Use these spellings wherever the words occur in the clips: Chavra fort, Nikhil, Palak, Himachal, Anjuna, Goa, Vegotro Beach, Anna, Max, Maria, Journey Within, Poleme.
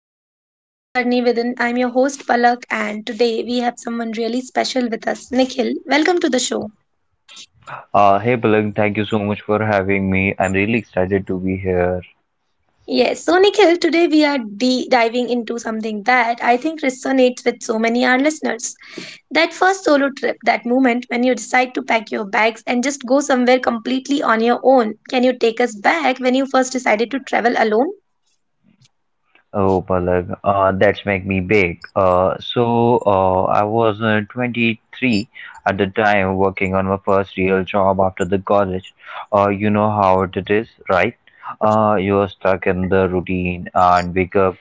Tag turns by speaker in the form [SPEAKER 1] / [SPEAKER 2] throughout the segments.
[SPEAKER 1] to the Journey Within. I'm your host, Palak, and today we have someone really special with us, Nikhil. Welcome to the show.
[SPEAKER 2] Hey Palak, thank you so much for having me. I'm really excited to be here.
[SPEAKER 1] Yes, so Nikhil, today we are diving into something that I think resonates with so many our listeners. That first solo trip, that moment when you decide to pack your bags and just go somewhere completely on your own. Can you take us back when you first decided to travel alone?
[SPEAKER 2] Oh, Palak, that's make me big. I was 23 at the time, working on my first real job after the college. You know how it is, right? You're stuck in the routine and wake up,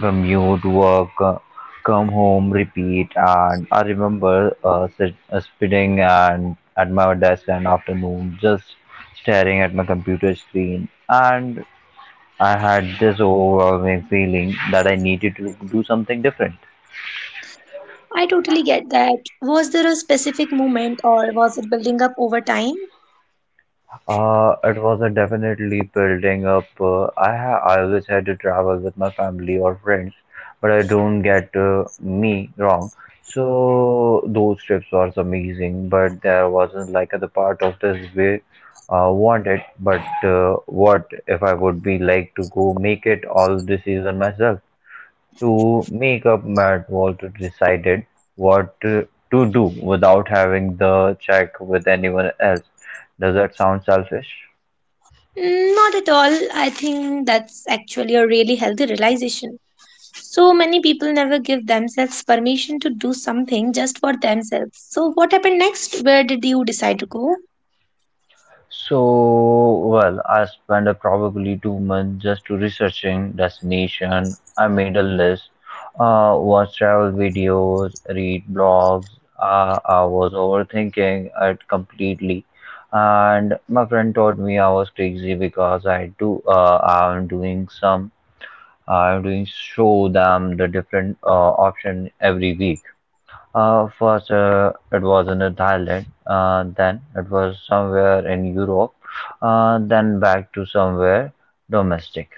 [SPEAKER 2] commute, work, come home, repeat. And I remember sitting and at my desk an afternoon, just staring at my computer screen and I had this overwhelming feeling that I needed to do something different.
[SPEAKER 1] I totally get that. Was there a specific moment or was it building up over time?
[SPEAKER 2] It was a definitely building up. I always had to travel with my family or friends, but I don't get me wrong. So those trips was amazing, but there wasn't like the part of this way wanted. But what if I would be like to go make it all this season myself? To make up Matt Walter decided what to do without having the check with anyone else. Does that sound selfish?
[SPEAKER 1] Mm, not at all. I think that's actually a really healthy realization. So many people never give themselves permission to do something just for themselves. So, what happened next? Where did you decide to go?
[SPEAKER 2] So, well, I spent probably 2 months just to researching destination. I made a list, watched travel videos, read blogs. I was overthinking it completely, and my friend told me I was crazy because I do. I'm doing some I will show them the different option every week. First, it was in Thailand, then it was somewhere in Europe, then back to somewhere domestic.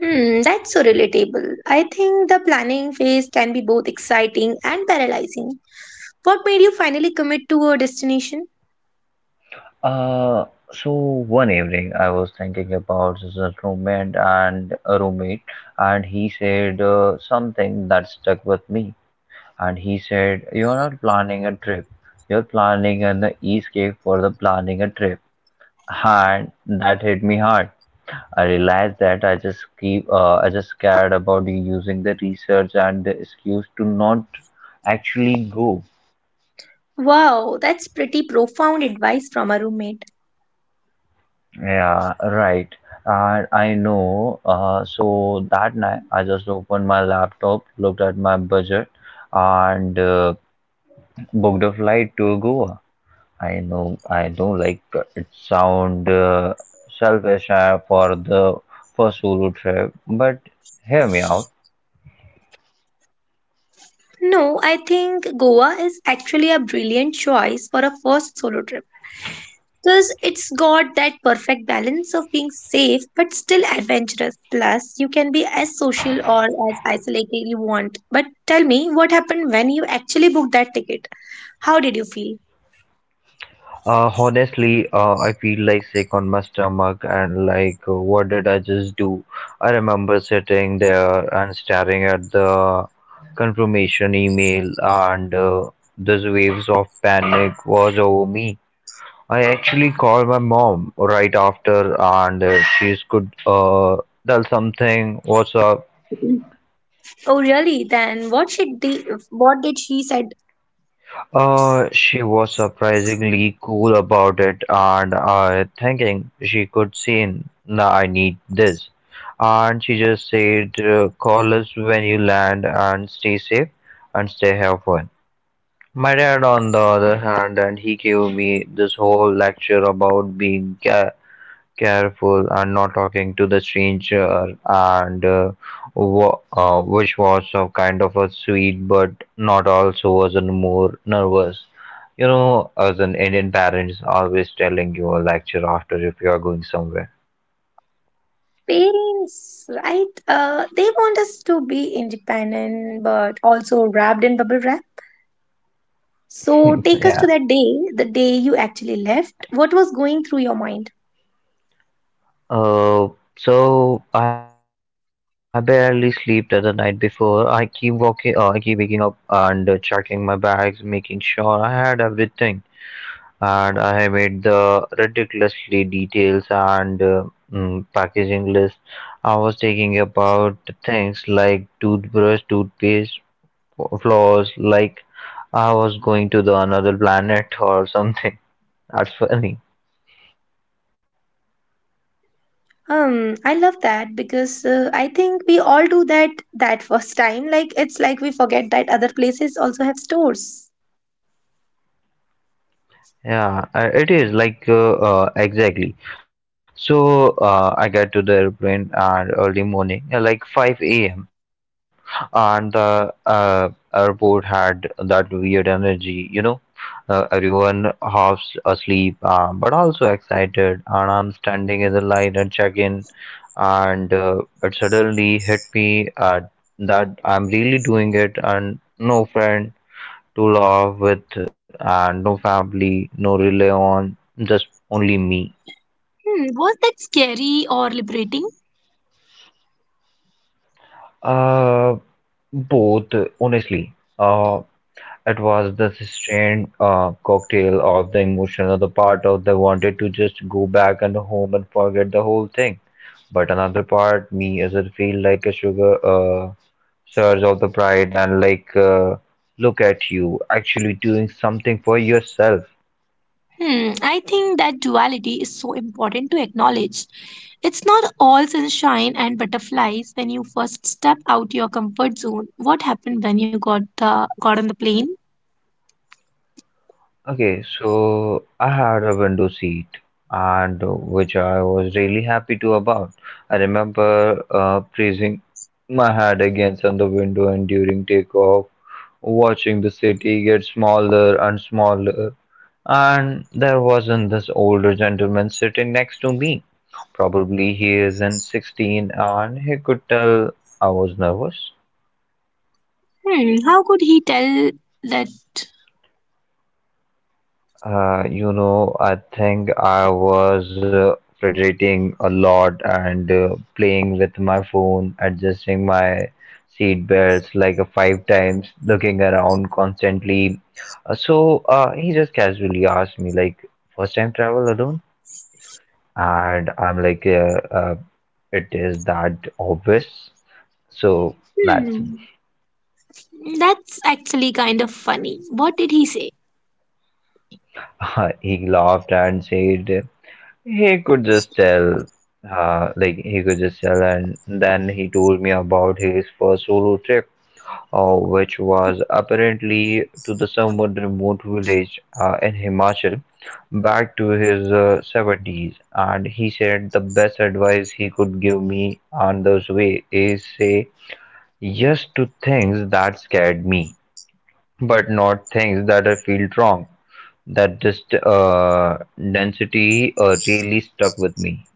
[SPEAKER 1] Hmm, that's so relatable. I think the planning phase can be both exciting and paralyzing. What made you finally commit to a destination?
[SPEAKER 2] Uh, so one evening, I was thinking about this roommate and a roommate, and he said something that stuck with me. And he said, "You're not planning a trip. You're planning an escape for the planning a trip." and that hit me hard. I realized that I just keep I just cared about using the research and the excuse to not actually go.
[SPEAKER 1] Wow, that's pretty profound advice from a roommate.
[SPEAKER 2] Yeah, right. And I know. So that night, I just opened my laptop, looked at my budget, and booked a flight to Goa. I know, like it sound selfish for the first solo trip, but hear me out.
[SPEAKER 1] No, I think Goa is actually a brilliant choice for a first solo trip. Because it's got that perfect balance of being safe but still adventurous. Plus, you can be as social or as isolated you want. But tell me, what happened when you actually booked that ticket? How did you feel?
[SPEAKER 2] Honestly, I feel like sick on my stomach and like, what did I just do? I remember sitting there and staring at the confirmation email, and these waves of panic was over me. I actually called my mom right after, and she could tell something. What's up?
[SPEAKER 1] Oh, really? Then what should they, what did she said?
[SPEAKER 2] She was surprisingly cool about it, and I thinking she could see in, nah, I need this. And she just said, call us when you land and stay safe and stay have fun. My dad, on the other hand, and he gave me this whole lecture about being ca careful and not talking to the stranger and which was a kind of a sweet but not also wasn't more nervous, you know, as an Indian parents always telling you a lecture after if you are going somewhere.
[SPEAKER 1] Parents, right? They want us to be independent but also wrapped in bubble wrap. So take us to
[SPEAKER 2] Yeah.
[SPEAKER 1] that day, the day you actually left. What was going through your mind?
[SPEAKER 2] Uh so I barely slept the night before. I keep walking, I keep waking up and checking my bags, making sure I had everything, and I have made the ridiculously details and packaging list. I was thinking about things like toothbrush, toothpaste, floss, like I was going to the another planet or something. That's funny.
[SPEAKER 1] I love that because I think we all do that first time. Like it's like we forget that other places also have stores.
[SPEAKER 2] Yeah, it is like exactly. So I get to the airplane at early morning, like 5 a.m. And the airport had that weird energy, you know. Everyone half asleep, but also excited. And I'm standing in the line at check-in, and it suddenly hit me at that I'm really doing it, and no friend to love with and no family, no rely on, just only me.
[SPEAKER 1] Hmm, was that scary or liberating?
[SPEAKER 2] Uh, Both, honestly. It was the strange cocktail of the emotion of the part of the wanted to just go back and home and forget the whole thing. But another part, me, as it feel like a sugar surge of the pride and like, look at you actually doing something for yourself.
[SPEAKER 1] Hmm, I think that duality is so important to acknowledge. It's not all sunshine and butterflies when you first step out your comfort zone. What happened when you got on the plane?
[SPEAKER 2] Okay, so I had a window seat and which I was really happy to about. I remember pressing my head against on the window and during takeoff, watching the city get smaller and smaller. And there wasn't this older gentleman sitting next to me. Probably he is in 16 and he could tell I was nervous.
[SPEAKER 1] Hmm, how could he tell that?
[SPEAKER 2] You know, I think I was fidgeting a lot and playing with my phone, adjusting my seat belts like five times, looking around constantly. So he just casually asked me, like, first time travel alone? And I'm like, it is that obvious. So that's
[SPEAKER 1] Hmm, that's actually kind of funny. What did he say?
[SPEAKER 2] he laughed and said. He could just tell, like he could just tell, and then he told me about his first solo trip, which was apparently to the somewhat remote village in Himachal, back to his 70s. And he said the best advice he could give me on this way is say yes to things that scared me, but not things that I feel wrong. That just density really stuck with me.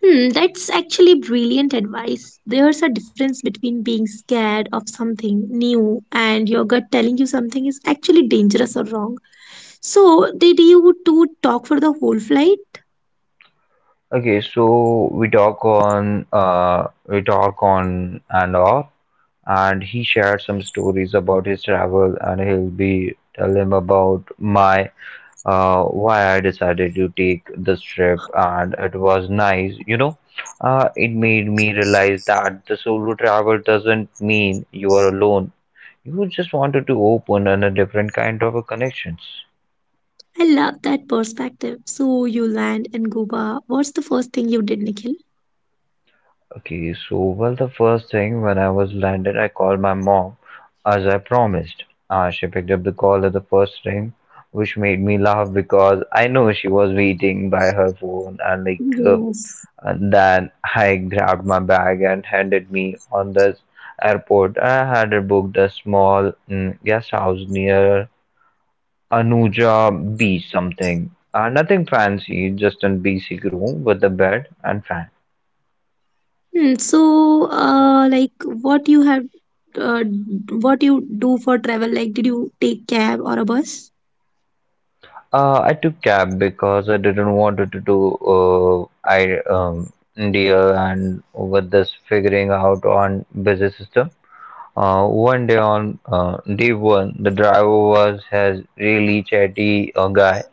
[SPEAKER 1] Hmm, that's actually brilliant advice. There's a difference between being scared of something new and your gut telling you something is actually dangerous or wrong. So, did you two talk for the whole flight?
[SPEAKER 2] Okay, so we talk on and off and he shared some stories about his travel and he'll be tell him about my why I decided to take this trip, and it was nice, you know. It made me realize that the solo travel doesn't mean you are alone. You just wanted to open and a different kind of a connections.
[SPEAKER 1] I love that perspective. So, you land in Goa. What's the first thing you did, Nikhil?
[SPEAKER 2] Okay, so well, the first thing when I was landed, I called my mom as I promised. She picked up the call at the first ring, which made me laugh because I know she was waiting by her phone. And like
[SPEAKER 1] Yes.
[SPEAKER 2] and then I grabbed my bag and handed me on this airport. I had booked a small guest house near Anuja Beach, something. Nothing fancy, just a basic room with a bed and fan.
[SPEAKER 1] Hmm, so, like, uh, what you do for travel? Like, did you take cab or a bus?
[SPEAKER 2] I took cab because I didn't wanted to do I India and with this figuring out on busy system. One day on day one, the driver was has really chatty guy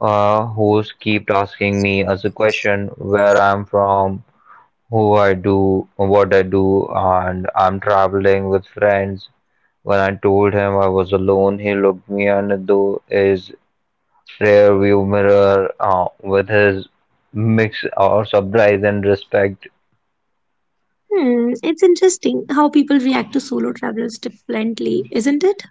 [SPEAKER 2] who's kept asking me as a question where I'm from, who I do, what I do, and I'm traveling with friends. When I told him I was alone, he looked me and in is rear view mirror with his mix of surprise and respect.
[SPEAKER 1] Hmm, it's interesting how people react to solo travelers differently, isn't it?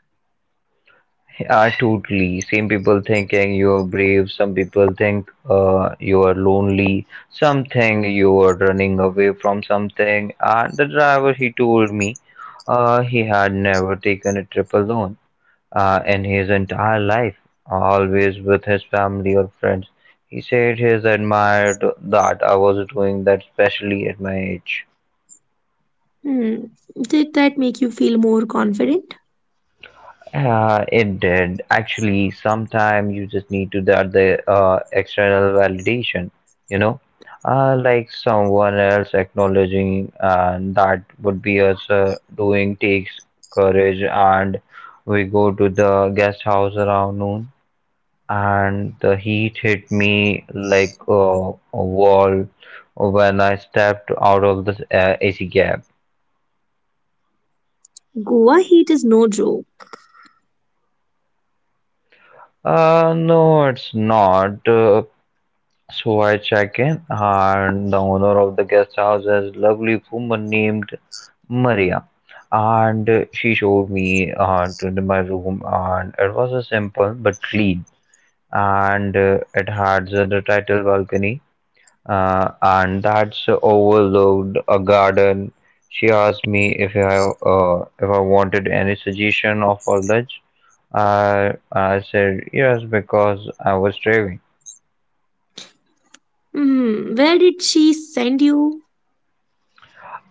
[SPEAKER 2] Are totally some people thinking you are brave, some people think you are lonely, some think you are running away from something, and the driver he told me he had never taken a trip alone in his entire life, always with his family or friends. He said he admired that I was doing that, especially at my age.
[SPEAKER 1] Hmm, did that make you feel more confident?
[SPEAKER 2] It did. Actually, sometimes you just need to that the external validation, you know, like someone else acknowledging that would be us doing takes courage, and we go to the guest house around noon, and the heat hit me like a wall when I stepped out of the AC cab.
[SPEAKER 1] Goa heat is no joke.
[SPEAKER 2] No, it's not. So I check in, and the owner of the guest house is a lovely woman named Maria. And she showed me to the- my room, and it was a simple but clean. And it had the title balcony, and that's overlooked a garden. She asked me if I wanted any suggestion of her lunch. I I said yes because I was starving.
[SPEAKER 1] Hmm, where did she send you?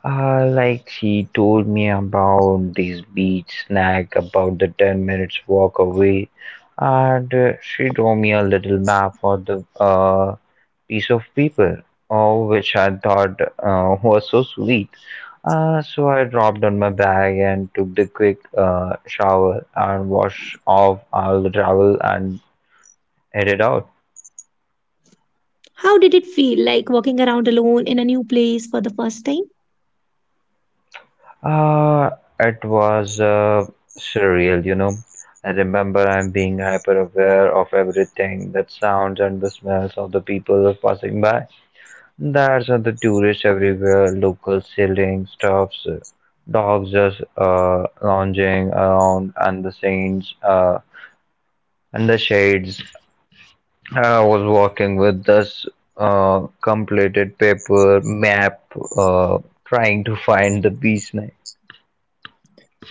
[SPEAKER 2] Like she told me about this beach snack about the 10 minutes walk away, and she drew me a little map for the piece of paper, oh, which I thought was so sweet. So I dropped on my bag and took the quick shower and washed off all the travel and headed out.
[SPEAKER 1] How did it feel like walking around alone in a new place for the first time?
[SPEAKER 2] Uh, it was surreal, you know. I remember I'm being hyper aware of everything, the sounds and the smells of the people passing by. There's the tourists everywhere, locals selling stuffs, dogs just lounging around, and the saints and the shades. I was walking with this completed paper map, uh, trying to find the beach.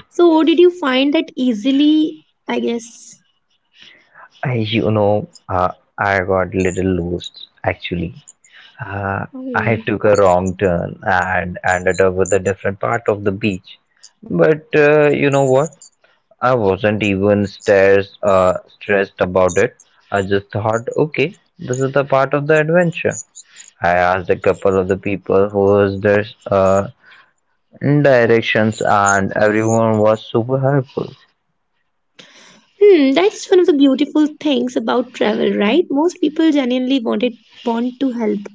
[SPEAKER 1] So, did you find that easily? I guess.
[SPEAKER 2] I, you know, uh, I got little lost actually. Uh, I
[SPEAKER 1] Oh.
[SPEAKER 2] took a wrong turn and ended up with a different part of the beach. But you know what? I wasn't even stressed about it. I just thought, okay, this is the part of the adventure. I asked a couple of the people who was there directions, and everyone was super helpful.
[SPEAKER 1] Hmm, that's one of the beautiful things about travel, right? Most people genuinely want to help.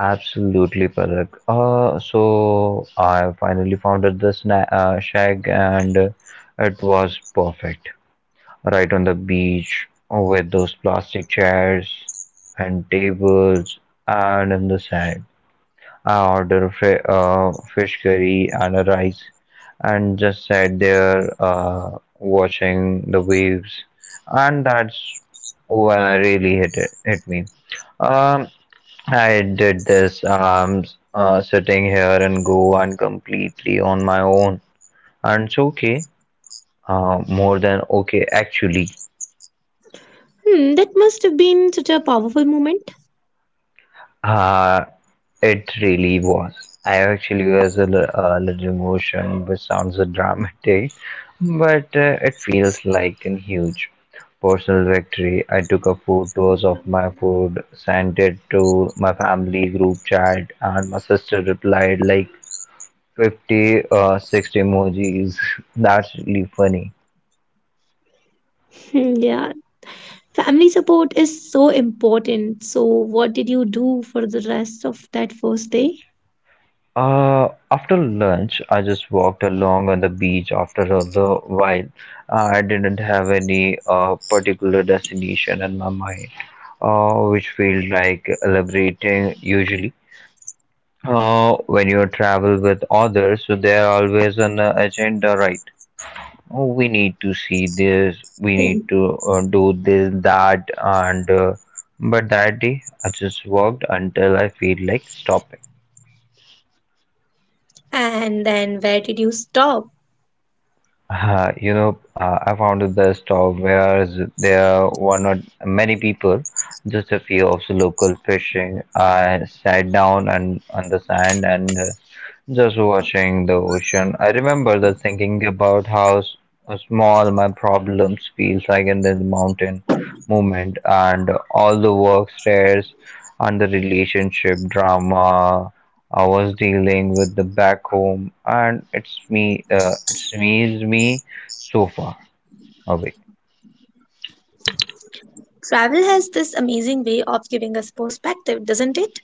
[SPEAKER 2] Absolutely, Palak. So I finally founded the shack, and it was perfect. Right on the beach, with those plastic chairs and tables, and in the sand. I ordered a fish curry and a rice, and just sat there watching the waves, and that's when I really hit me. Um, I did this. I'm sitting here in Goa and completely on my own. And it's okay. More than okay, actually.
[SPEAKER 1] Hmm, that must have been such a powerful moment.
[SPEAKER 2] Uh, it really was. I actually was a little emotion, which sounds so dramatic, but it feels like a huge personal victory. I took a photos of my food, sent it to my family group chat, and my sister replied like, 50 60 emojis. That's really funny.
[SPEAKER 1] Hmm, yeah, family support is so important. So, what did you do for the rest of that first day?
[SPEAKER 2] After lunch, I just walked along on the beach after a little while. I didn't have any particular destination in my mind, which feels like elaborating usually. When you travel with others, so there always an agenda, right? Oh, we need to see this, we need to do this, that, and but that day I just worked until I feel like stopping.
[SPEAKER 1] And then where did you stop?
[SPEAKER 2] I founded the store where there were not many people, just a few of the local fishing. I sat down and on the sand and just watching the ocean. I remember the thinking about how small my problems feels like in the mountain movement and all the work stress and the relationship drama I was dealing with the back home, and it's me. It's me so far away.
[SPEAKER 1] Travel has this amazing way of giving us perspective, doesn't it?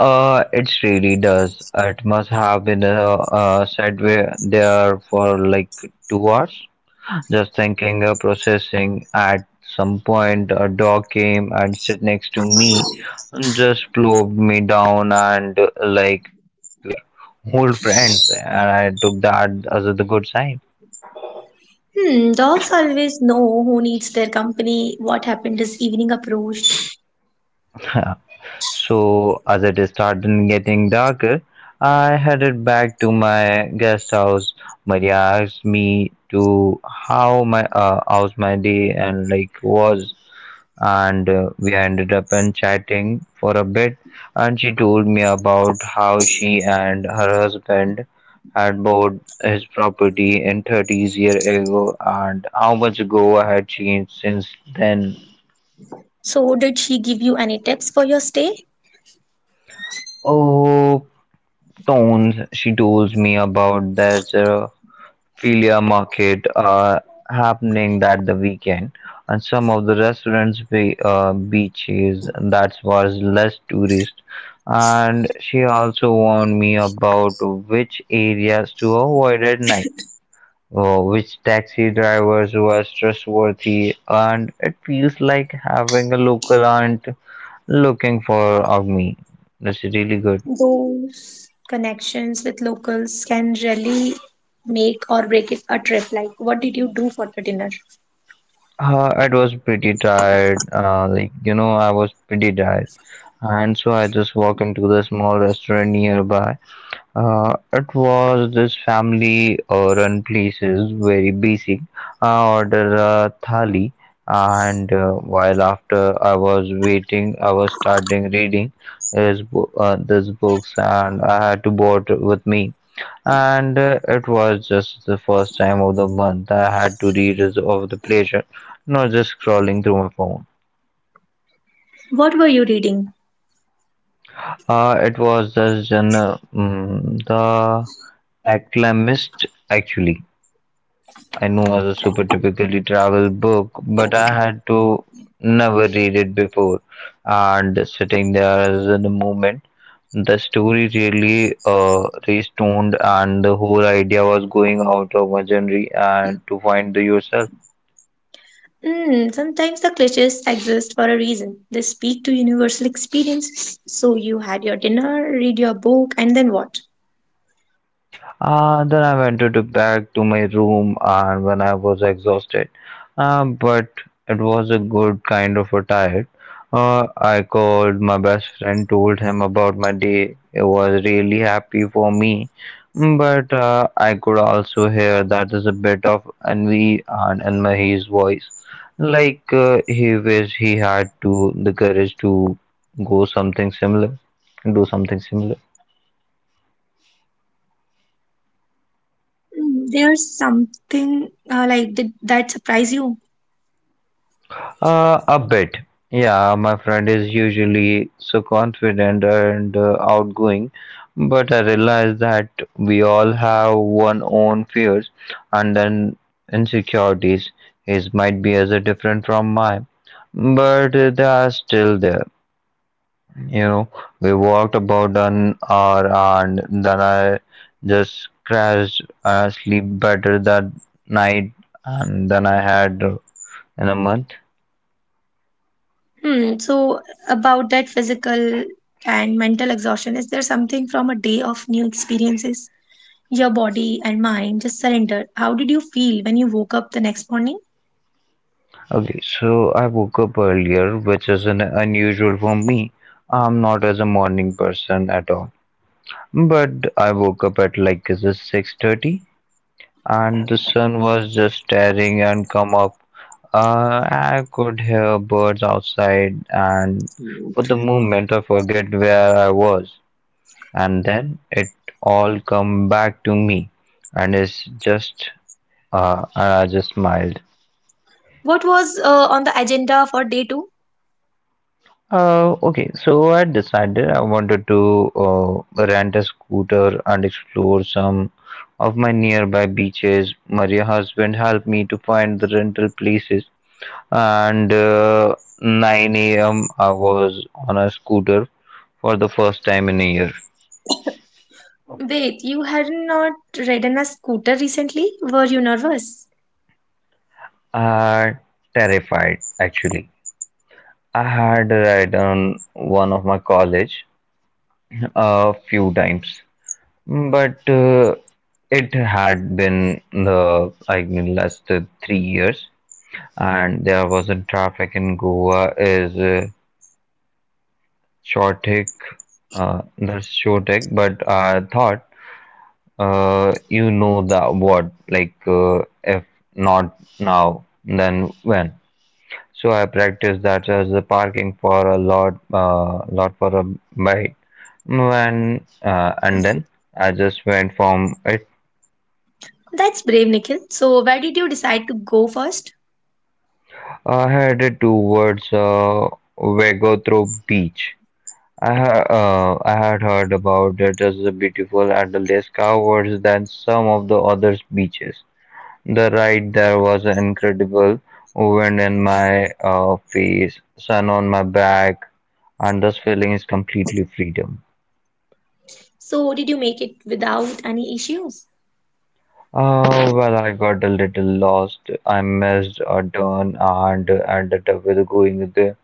[SPEAKER 2] It really does. It must have been sat way there for like 2 hours, just thinking, processing. At some point, a dog came and sit next to me, and just plopped me down, and like we are old friends, and I took that as a good sign.
[SPEAKER 1] Hmm, dogs always know who needs their company. What happened this evening approached.
[SPEAKER 2] So, as it started getting darker, I headed back to my guest house. Maria asked me to how my how's my day and like was, and we ended up and chatting for a bit. And she told me about how she and her husband had bought his property in 30s year ago and how much go had changed since then.
[SPEAKER 1] So, did she give you any tips for your stay?
[SPEAKER 2] Oh, stones she told me about there's a philia market happening that the weekend and some of the restaurants beaches that was less tourist and she also warned me about which areas to avoid at night, which taxi drivers was trustworthy and it feels like having a local aunt looking for of me, that's really good.
[SPEAKER 1] Those connections with locals can really make or break it a trip. Like, what did you do for the dinner?
[SPEAKER 2] It was pretty tired. Like, you know, I was pretty tired. And so I just walked into the small restaurant nearby. It was this family run places, very basic. I ordered a thali, and while after I was waiting, I was starting reading his this books, and I had to bought with me and it was just the first time of the month I had to read is of the pleasure, not just scrolling through my phone.
[SPEAKER 1] What were you reading?
[SPEAKER 2] It was the genre, the acclamist actually. I know was a super typically travel book, but I had to never read it before. And sitting there as in a moment, the story really restoned, and the whole idea was going out of my genre and to find the yourself.
[SPEAKER 1] Mm, sometimes the cliches exist for a reason. They speak to universal experiences. So you had your dinner, read your book, and then what?
[SPEAKER 2] Then I went to the back to my room and when I was exhausted, but it was a good kind of a tired. I called my best friend, told him about my day. It was really happy for me. Mm, but I could also hear that is a bit of envy and in my his voice, like he wished he had to the courage to go something similar, do something similar.
[SPEAKER 1] Mm, there's something like did that surprise you.
[SPEAKER 2] A bit. Yeah, my friend is usually so confident and outgoing, but I realize that we all have one own fears and then insecurities. His might be as a different from mine, but they are still there. You know, we walked about an hour and then I just crashed. I sleep better that night, and then I had in a month.
[SPEAKER 1] Hmm. So about that physical and mental exhaustion, is there something from a day of new experiences? Your body and mind just surrendered. How did you feel when you woke up the next morning?
[SPEAKER 2] Okay, so I woke up earlier, which is an unusual for me. I'm not as a morning person at all. But I woke up at like is it 6:30 and the sun was just staring and come up. I could hear birds outside and for the moment I forget where I was. And then it all come back to me and it's just and I just smiled.
[SPEAKER 1] What was on the agenda for day two?
[SPEAKER 2] Okay, so I decided I wanted to rent a scooter and explore some of my nearby beaches. My husband helped me to find the rental places, and 9 a.m. I was on a scooter for the first time in a year.
[SPEAKER 1] Wait, you had not ridden a scooter recently? Were you nervous?
[SPEAKER 2] I terrified actually. I had a ride on one of my college a few times. But it had been the I mean last 3 years, and there was a traffic in Goa is chaotic, that's chaotic. But I thought, you know that what like if not now, then when? So I practiced that as the parking for a lot for a bite when and then I just went from it.
[SPEAKER 1] That's brave, Nikhil. So, where did you decide to go first?
[SPEAKER 2] I headed towards Vegotro Beach. I had heard about it as a beautiful and less covered than some of the other beaches. The ride there was incredible, wind in my face, sun on my back, and this feeling is completely freedom.
[SPEAKER 1] So, did you make it without any issues?
[SPEAKER 2] Well, I got a little lost. I missed a turn and ended up with going with the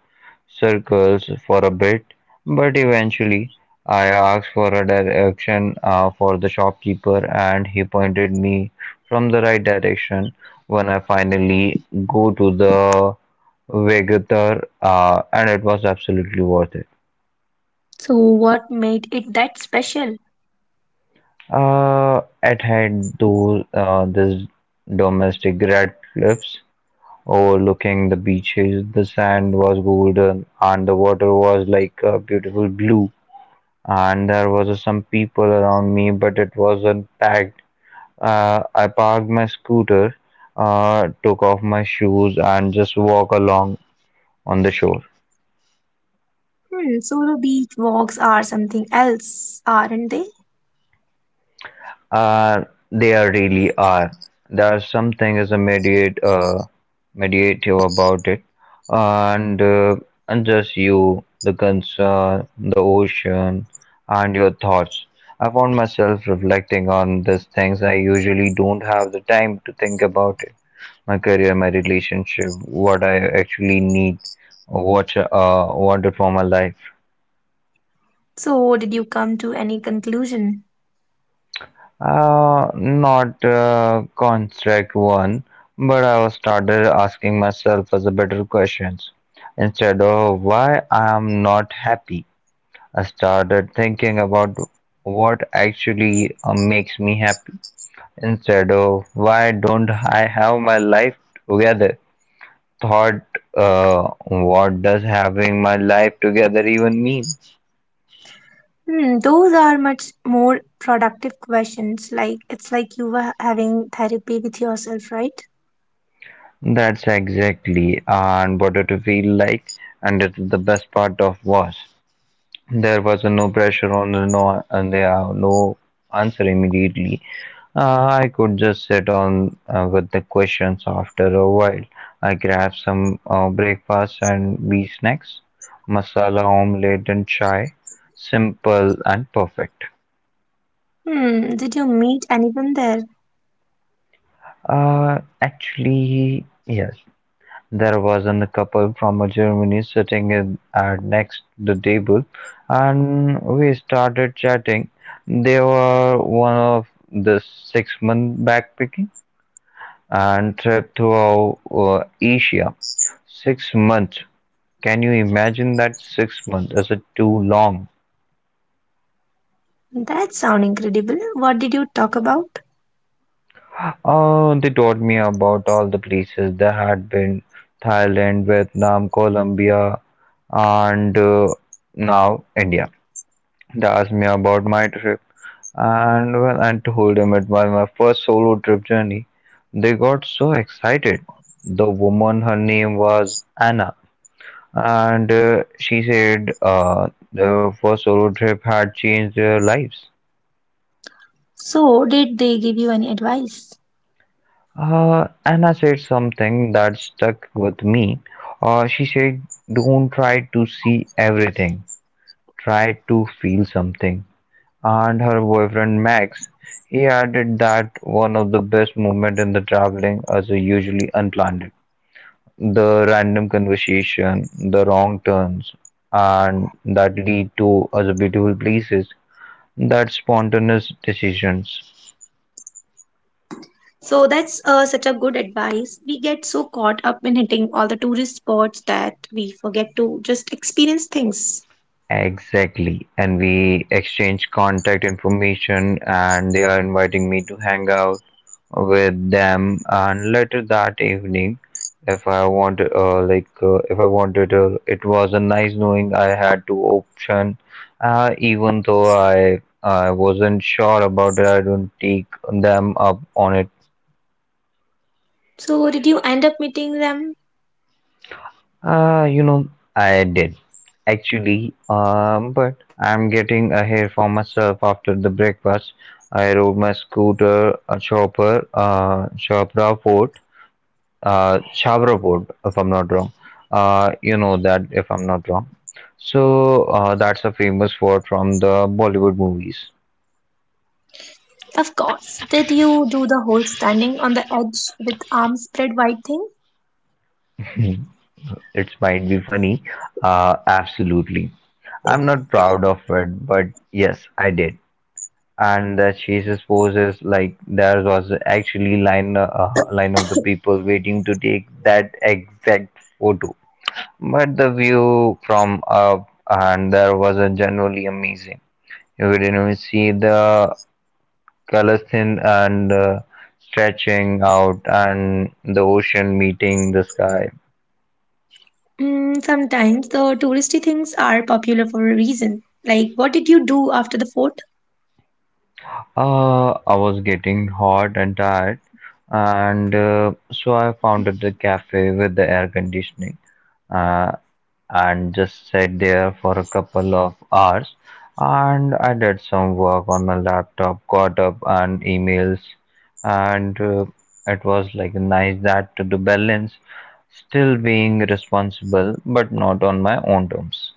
[SPEAKER 2] circles for a bit, but eventually I asked for a direction for the shopkeeper, and he pointed me from the right direction. When I finally go to the Vegetar, and it was absolutely worth it.
[SPEAKER 1] So, what made it that special?
[SPEAKER 2] It had those this domestic red cliffs overlooking the beaches. The sand was golden, and the water was like a beautiful blue. And there was some people around me, but it wasn't packed. I parked my scooter, took off my shoes, and just walk along on the shore.
[SPEAKER 1] Hmm, so the beach walks are something else, aren't they?
[SPEAKER 2] Uh, there really are. There's something is a meditative about it, and uh, and just you, the concern, the ocean, and your thoughts. I found myself reflecting on these things. I usually don't have the time to think about it: my career, my relationship, what I actually need, what wanted for my life.
[SPEAKER 1] So, did you come to any conclusion?
[SPEAKER 2] Not construct one, but I was started asking myself as a better questions instead of why I am not happy. I started thinking about what actually makes me happy instead of why don't I have my life together. Thought, what does having my life together even mean?
[SPEAKER 1] Hmm, those are much more productive questions. Like, it's like you were having therapy with yourself, right?
[SPEAKER 2] That's exactly and what it feel like, and it's the best part of was. There was no pressure on the no, and there are no answer immediately. I could just sit on with the questions after a while. I grab some breakfast and wee snacks, masala omelette and chai, simple and perfect.
[SPEAKER 1] Hmm, did you meet anyone there?
[SPEAKER 2] Actually, yes. There was a couple from Germany sitting in, next the table, and we started chatting. They were one of the six-month backpacking and trip throughout Asia. 6 months. Can you imagine that 6 months? Is it too long?
[SPEAKER 1] That sound incredible. What did you talk about?
[SPEAKER 2] Oh, they told me about all the places they had been: Thailand, Vietnam, Colombia, and now India. They asked me about my trip, and when I told them it was my first solo trip journey, they got so excited. The woman, her name was Anna, and she said their first solo trip had changed their lives.
[SPEAKER 1] So, did they give you any advice?
[SPEAKER 2] Anna said something that stuck with me. She said, "Don't try to see everything, try to feel something." And her boyfriend Max, he added that one of the best moments in the traveling is usually unplanned. The random conversation, the wrong turns, and that lead to other beautiful places, that spontaneous decisions.
[SPEAKER 1] So that's such a good advice. We get so caught up in hitting all the tourist spots that we forget to just experience things.
[SPEAKER 2] Exactly. And we exchange contact information, and they are inviting me to hang out with them. And later that evening, if I wanted, it was a nice knowing I had two option. Even though I wasn't sure about it, I don't take them up on it.
[SPEAKER 1] So, did you end up meeting them?
[SPEAKER 2] You know, I did actually, but I'm getting a hair for myself after the breakfast. I rode my scooter, Chavra fort. If I'm not wrong. You know that if I'm not wrong. So, that's a famous word from the Bollywood movies.
[SPEAKER 1] Of course. Did you do the whole standing on the edge with arms spread wide thing?
[SPEAKER 2] It might be funny, absolutely. I'm not proud of it, but yes, I did. And the chases poses like there was actually line of the people waiting to take that exact photo. But the view from up and there was a generally amazing, you could even see the colors thin and stretching out and the ocean meeting the sky.
[SPEAKER 1] Mm, sometimes the touristy things are popular for a reason. Like, what did you do after the fort?
[SPEAKER 2] I was getting hot and tired, and so I founded the cafe with the air conditioning uh, and just sat there for a couple of hours. And I did some work on my laptop, caught up on emails, and it was like nice that to the balance, still being responsible, but not on my own terms.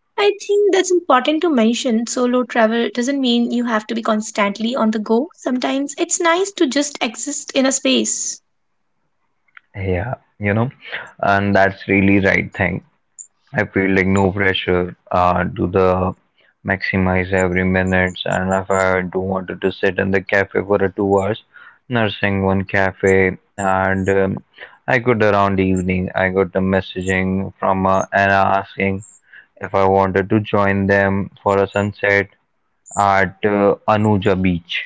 [SPEAKER 1] I think that's important to mention. Solo travel doesn't mean you have to be constantly on the go. Sometimes it's nice to just exist in a space.
[SPEAKER 2] Yeah, you know, and that's really right thing I feel like no pressure to the maximize every minutes. And if I do wanted to sit in the cafe for a 2 hours, nursing one cafe, and I could around evening, I got a messaging from Anna asking if I wanted to join them for a sunset at Anuja Beach.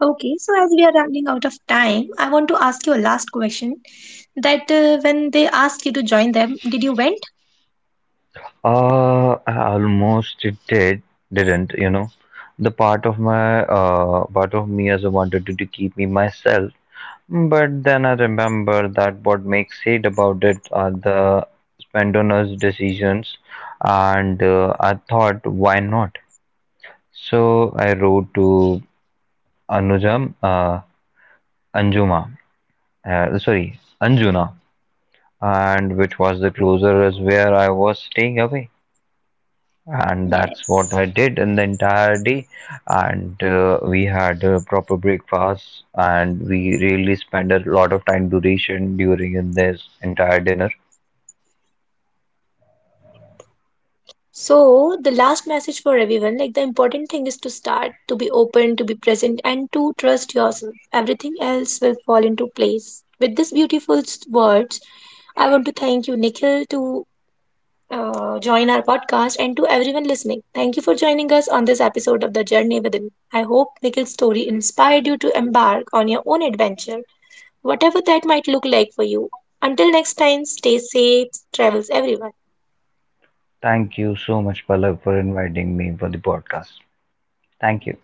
[SPEAKER 1] Okay, so as we are running out of time, I want to ask you a last question. That when they asked you to join them, did you went?
[SPEAKER 2] I almost did, didn't, you know. The part of my part of me as I wanted to keep me myself. But then I remember that what makes it about it are the Spendona's decisions, and I thought, why not? So I wrote to Anujam, uh, Anjuma, Anjuna, and which was the closer as where I was staying away, and that's what I
[SPEAKER 1] Yes.
[SPEAKER 2] did in the entire day. And we had a proper breakfast, and we really spent a lot of time duration during in this entire dinner.
[SPEAKER 1] So, the last message for everyone like the important thing is to start, to be open, to be present, and to trust yourself. Everything else will fall into place. With these beautiful words, I want to thank you, Nikhil, to join our podcast, and to everyone listening, thank you for joining us on this episode of The Journey Within. I hope Nikhil's story inspired you to embark on your own adventure, whatever that might look like for you. Until next time, stay safe, travels everyone.
[SPEAKER 2] Thank you so much, Pallav, for inviting me for the podcast. Thank you.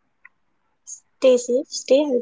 [SPEAKER 1] Stay safe, stay healthy, take care.